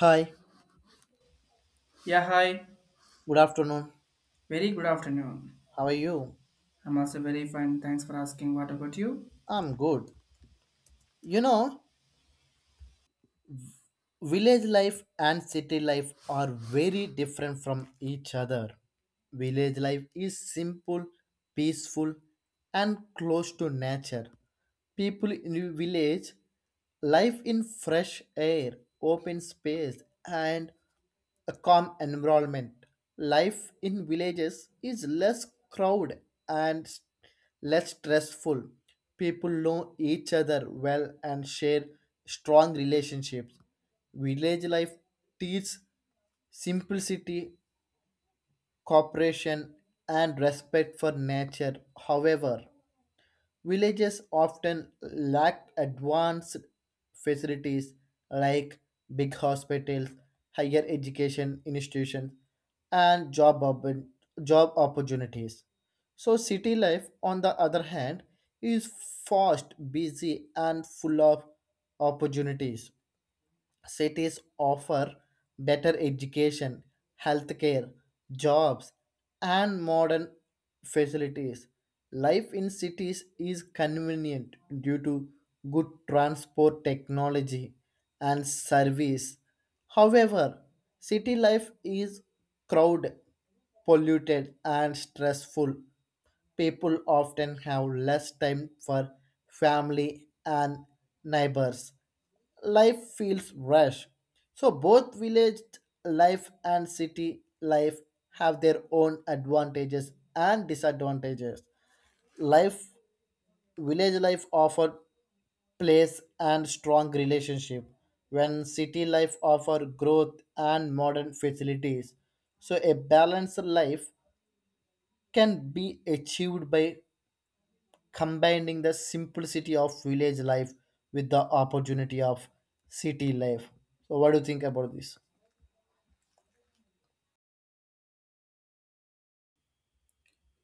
Hi, Yeah, hi. good afternoon. Very good afternoon. How are you? I'm also very fine. Thanks for asking. What about you? I'm good. You know, village life and city life are very different from each other. Village life is simple, peaceful, and close to nature. People in village life in fresh air, open space, and a calm environment. Life in villages is less crowded and less stressful. People know each other well and share strong relationships. Village life teaches simplicity, cooperation, and respect for nature. However, villages often lack advanced facilities like big hospitals, higher education institutions, and job opportunities. So, city life, on the other hand, is fast, busy, and full of opportunities. Cities offer better education, healthcare, jobs, and modern facilities. Life in cities is convenient due to good transport technology and service. However, city life is crowded, polluted, and stressful. People often have less time for family and neighbors. Life feels rush. So both village life and city life have their own advantages and disadvantages. Life village life offer place and strong relationship when city life offer growth and modern facilities. So a balanced life can be achieved by combining the simplicity of village life with the opportunity of city life. So, what do you think about this?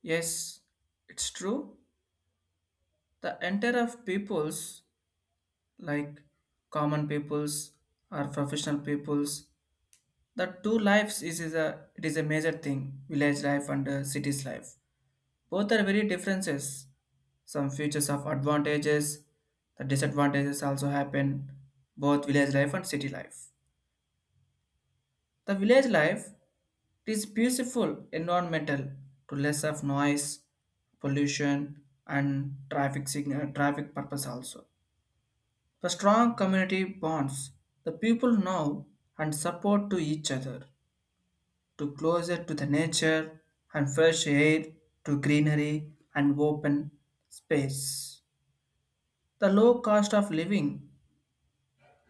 Yes, it's true. The entire of peoples, like common peoples or professional peoples, the two lives is a it is a major thing. Village life and city's life. Both are very differences. Some features of advantages, the disadvantages also happen. Both village life and city life. The village life, it is beautiful environmental to less of noise, pollution, and traffic signal, traffic purpose also. The strong community bonds, the people know and support to each other, to closer to the nature and fresh air, to greenery and open space. The low cost of living,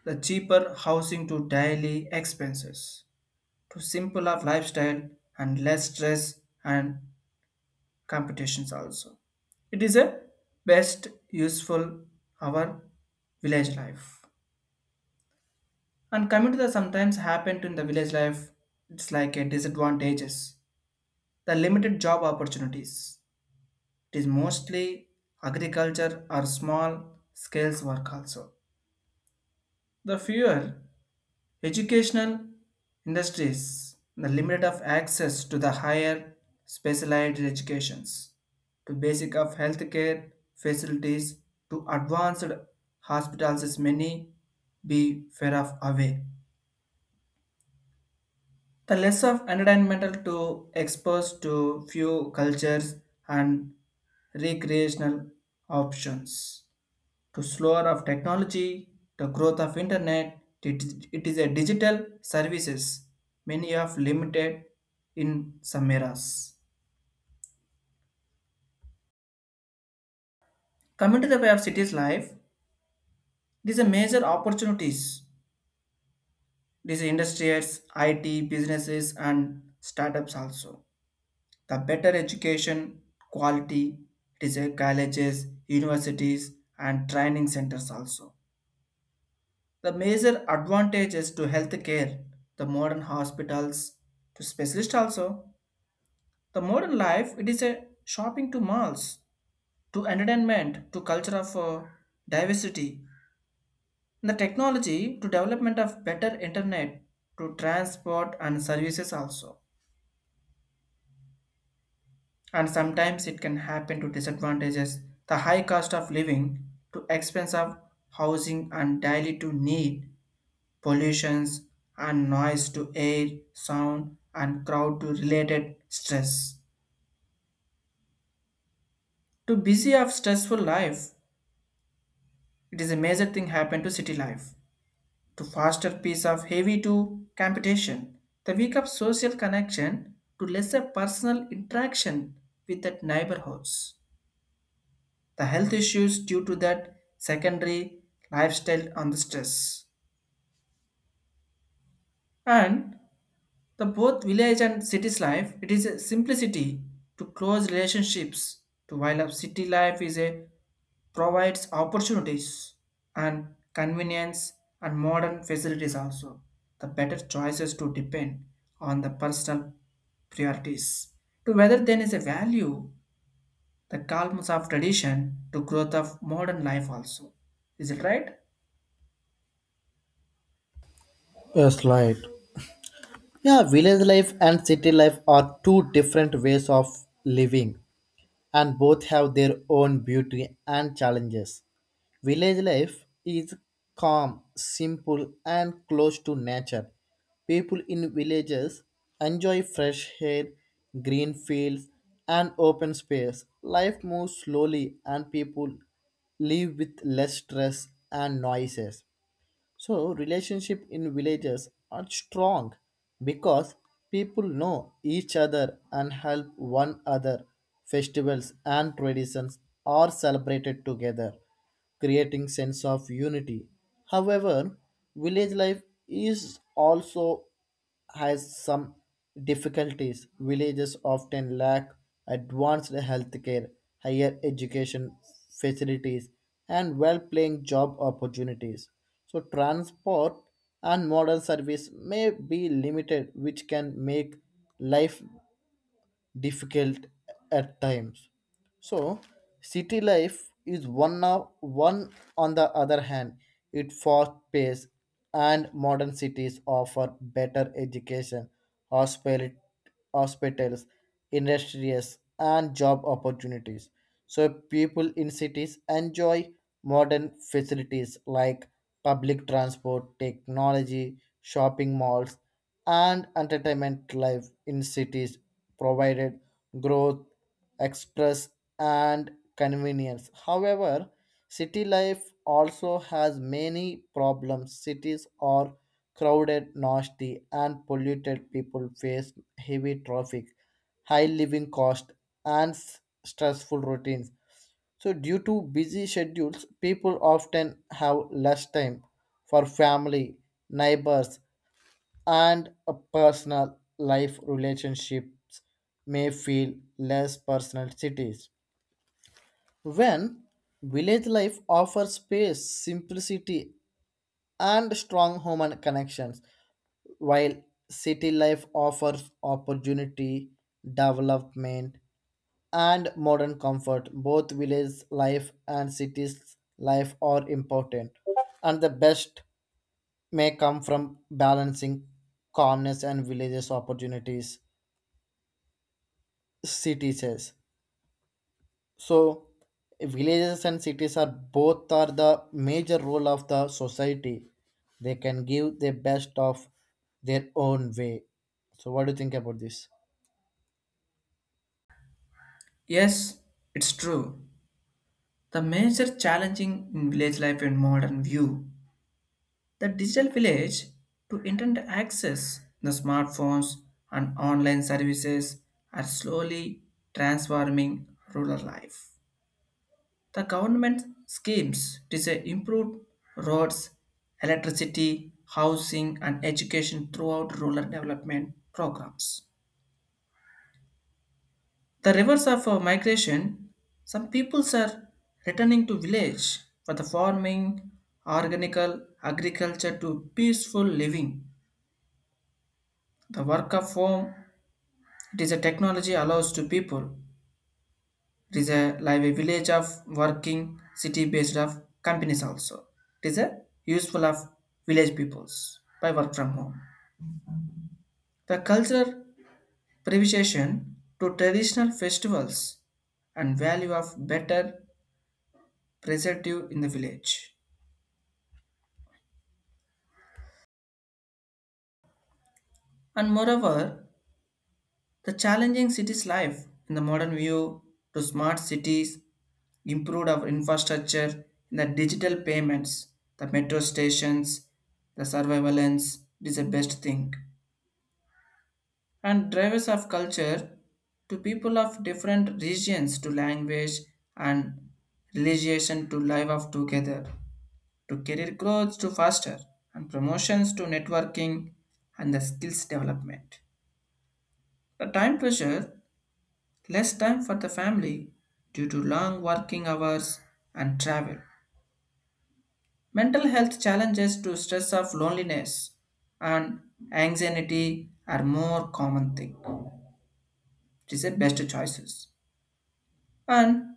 the cheaper housing to daily expenses, to simple of lifestyle and less stress and competitions also. It is a best useful our village life. And coming to the sometimes happened in the village life, it's like a disadvantages. The limited job opportunities. It is mostly agriculture or small scales work also. The fewer educational industries, the limit of access to the higher specialized educations, to basic of healthcare facilities, to advanced hospitals is many be far of away. The less of environmental to exposed to few cultures and recreational options to slower of technology, the growth of it is a digital services, many of limited in some eras. Coming to the way of cities life, it is a major opportunities. These industries, IT, businesses and startups also. The better education quality, it is a colleges, universities and training centers also. The major advantages to healthcare, the modern hospitals, to specialist also, the modern life, it is a shopping to malls, to entertainment, to culture of diversity, the technology, to development of better internet, to transport and services also. And sometimes it can happen to disadvantages, the high cost of living, to expense of housing and daily to need pollutions and noise to air, sound, and crowd to related stress. To busy of stressful life, it is a major thing happen to city life. To faster piece of heavy to competition, the weak of social connection to lesser personal interaction with that neighborhoods. The health issues due to that secondary lifestyle on the stress. And the both village and city's life, it is a simplicity to close relationships to while a city life is a provides opportunities and convenience and modern facilities also. The better choices to depend on the personal priorities. To whether then is a value, the calmness of tradition to growth of modern life also. Is it right? Yes, right. Yeah, village life and city life are two different ways of living, and both have their own beauty and challenges. Village life is calm, simple, and close to nature. People in villages enjoy fresh air, green fields, and open space. Life moves slowly, and people live with less stress and noises. So relationship in villages are strong because people know each other and help one another. Festivals and traditions are celebrated together, creating sense of unity. However, village life is also has some difficulties. Villages often lack advanced healthcare, higher education facilities, and well paying job opportunities. So, transport and modern service may be limited, which can make life difficult at times. So, city life is one on the other hand, it fast pace and modern cities offer better education, hospital, hospitals, industries and job opportunities. So people in cities enjoy modern facilities like public transport, technology, shopping malls and entertainment life in cities provided growth, express, and convenience. However, city life also has many problems. Cities are crowded, nasty, and polluted. People face heavy traffic, high living cost, and stressful routines. So, due to busy schedules, people often have less time for family, neighbors, and a personal life relationships may feel less personal cities when village life offers space simplicity and strong human connections while city life offers opportunity development and modern comfort both village life and cities life are important and the best may come from balancing calmness and villages opportunities Cities, says. So villages and cities are both are the major role of the society. They can give the best of their own way. So what do you think about this? Yes, it's true. The major challenging in village life in modern view, the digital village to internet access, the smartphones and online services are slowly transforming rural life. The government schemes to say improve roads, electricity, housing and education throughout rural development programs. The reverse of migration, some peoples are returning to village for the farming, organical agriculture to peaceful living. The work of home, it is a technology allows to people. It is a like a village of working city based of companies also. It is a useful of village peoples by work from home. The cultural preservation to traditional festivals and value of better preservative in the village. And moreover, the challenging city's life in the modern view to smart cities improved our infrastructure in the digital payments, the metro stations, the surveillance. It is the best thing. And drivers of culture to people of different regions to language and religion to live of together, to career growth to faster and promotions to networking and the skills development. The time pressure, less time for the family due to long working hours and travel. Mental health challenges to stress of loneliness and anxiety are more common thing. It is the best choices. And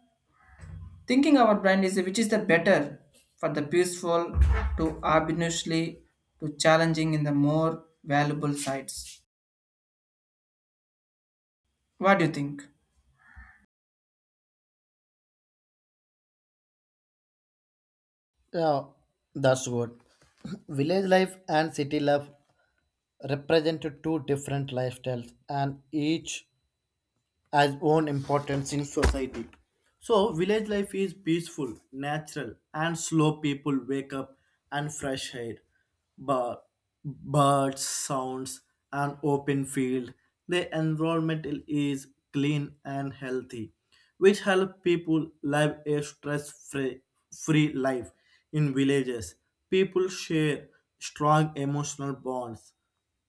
thinking our brain is which is the better for the peaceful to obviously to challenging in the more valuable sides. What do you think? Yeah, that's good. Village life and city life represent two different lifestyles, and each has own importance in society. So, village life is peaceful, natural, and slow. People wake up and fresh air, but birds, sounds, and open field. The environment is clean and healthy, which help people live a stress-free free life. In villages, people share strong emotional bonds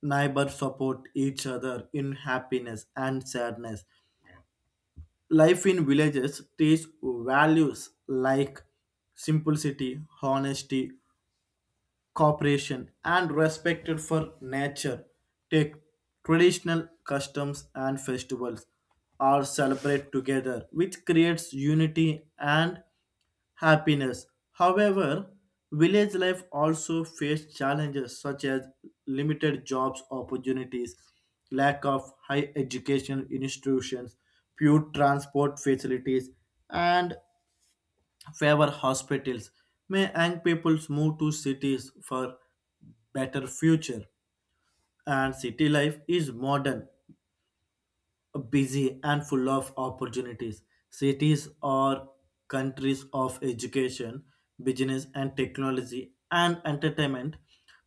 neighbors support each other in happiness and sadness. Life in villages teaches values like simplicity, honesty, cooperation, and respect for nature. Take traditional customs and festivals are celebrated together, which creates unity and happiness. However, village life also faced challenges such as limited jobs opportunities, lack of high education institutions, few transport facilities, and fewer hospitals. May young peoples move to cities for better future and city life is modern busy and full of opportunities. Cities are countries of education, business, and technology and entertainment.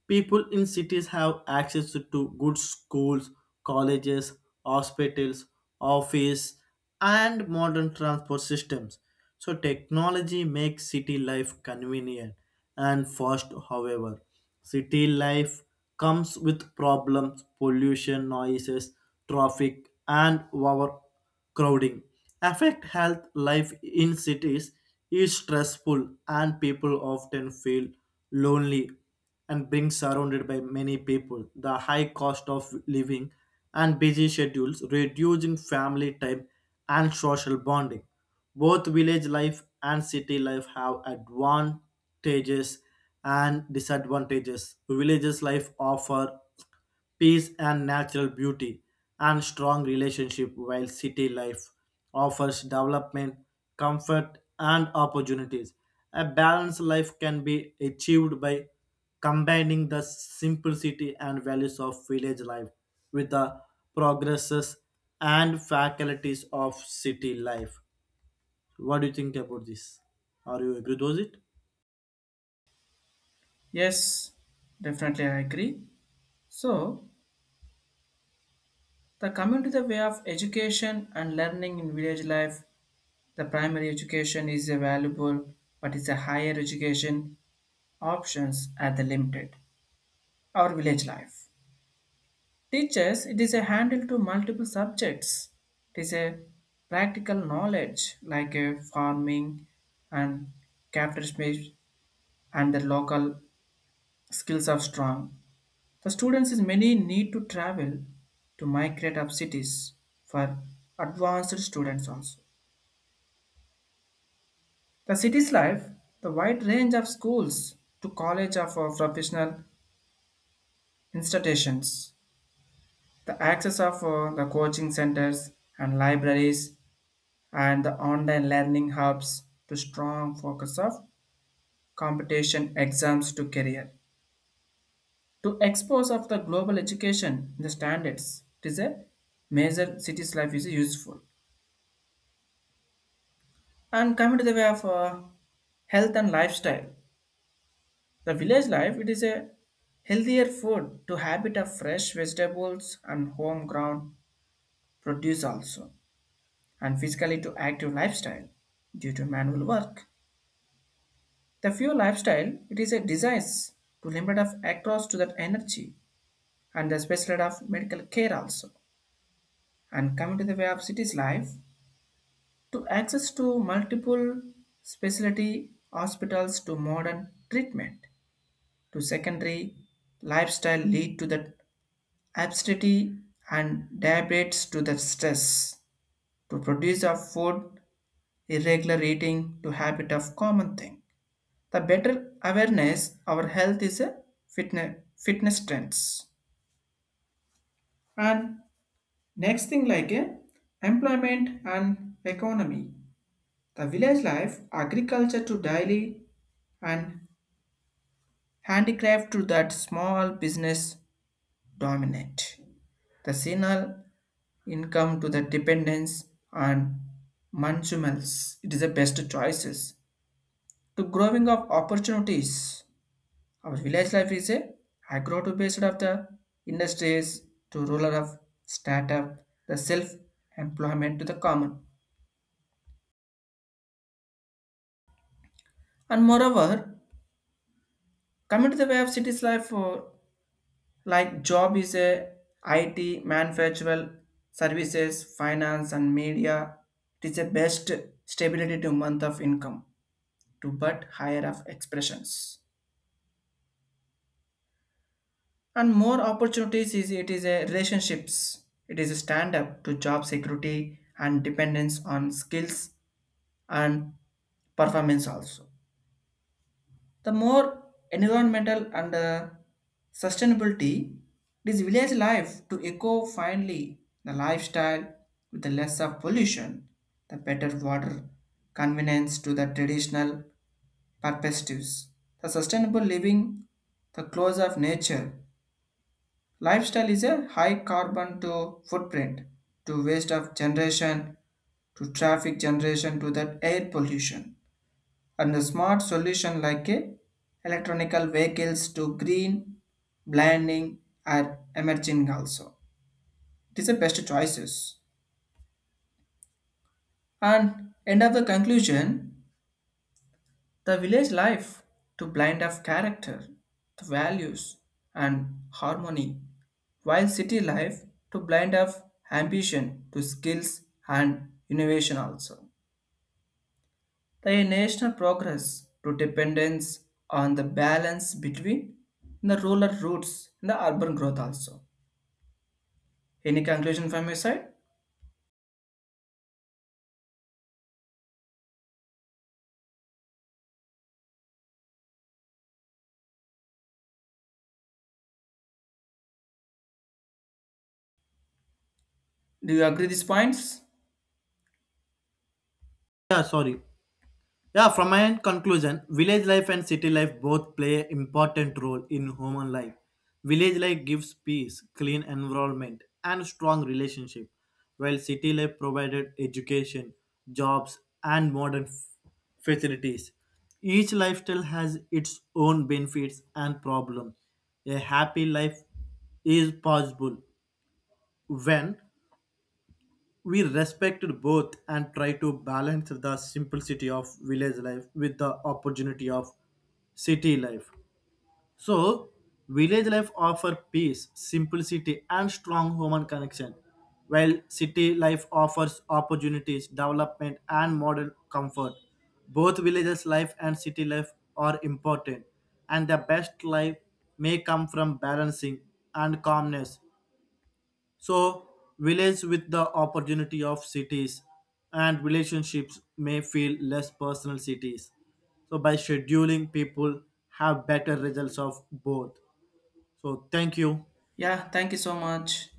People in cities have access to good schools, colleges, hospitals, office, and modern transport systems. So technology makes city life convenient and fast, however. City life comes with problems, pollution, noises, traffic, and overcrowding. Affect health life in cities is stressful, and people often feel lonely and being surrounded by many people. The high cost of living and busy schedules reducing family time and social bonding. Both village life and city life have advantages and disadvantages. Villages life offer peace and natural beauty and strong relationship while city life offers development, comfort and opportunities. A balanced life can be achieved by combining the simplicity and values of village life with the progresses and faculties of city life. What do you think about this? Are you agree with it? Yes, definitely I agree. So, the coming to the way of education and learning in village life, the primary education is a valuable, but it's a higher education options at the limited or village life. Teachers, it is a handle to multiple subjects. It is a practical knowledge like a farming and craftsmanship and the local skills are strong. The students is many need to travel to migrate up cities for advanced students also. The city's life, the wide range of schools to college of professional institutions. The access of the coaching centers and libraries and the online learning hubs to strong focus of competition exams to career. To expose of the global education the standards, it is a major city's life is useful. And coming to the way of health and lifestyle, the village life it is a healthier food to habit of fresh vegetables and home ground produce also and physically to active lifestyle due to manual work. The few lifestyle, it is a desire to limit of access to that energy and the specialty of medical care also. And coming to the way of city's life, to access to multiple specialty hospitals to modern treatment to secondary lifestyle lead to the obesity and diabetes to the stress to produce of food irregular eating to habit of common thing, the better awareness our health is a fitness fitness trends, and next thing like a employment and economy, the village life agriculture to daily and handicraft to that small business dominate the seasonal income to the dependence and consumers. It is the best choices to growing of opportunities. Our village life is a agro to based of the industries to rural of startup, the self-employment to the common. And moreover, coming to the way of cities life, like job is a IT, manufacturing, services, finance and media. It is a best stability to month of income to but higher of expressions, and more opportunities is it is a relationships it is a stand up to job security and dependence on skills and performance also. The more environmental and sustainability, it is village life to eco finally the lifestyle with the less of pollution, the better water convenience to the traditional perspectives, the sustainable living, the close of nature. Lifestyle is a high carbon to footprint, to waste of generation, to traffic generation, to that air pollution. And the smart solution like a electronical vehicles to green blending are emerging also. It is the best choices. And end of the conclusion, the village life to blind of character, the values and harmony, while city life to blind of ambition to skills and innovation also. The national progress to dependence on the balance between the rural roots and the urban growth also. Any conclusion from your side? Do you agree these points? Yeah, sorry. Yeah, from my end conclusion, village life and city life both play important role in human life. Village life gives peace, clean environment, and strong relationship, while city life provided education, jobs, and modern facilities. Each lifestyle has its own benefits and problems. A happy life is possible when we respected both and try to balance the simplicity of village life with the opportunity of city life. So, village life offers peace, simplicity, and strong human connection, while city life offers opportunities, development, and modern comfort. Both villages life and city life are important, and the best life may come from balancing and calmness so, villages with the opportunity of cities and relationships may feel less personal cities. So, by scheduling, people have better results of both. So, thank you. Yeah, thank you so much.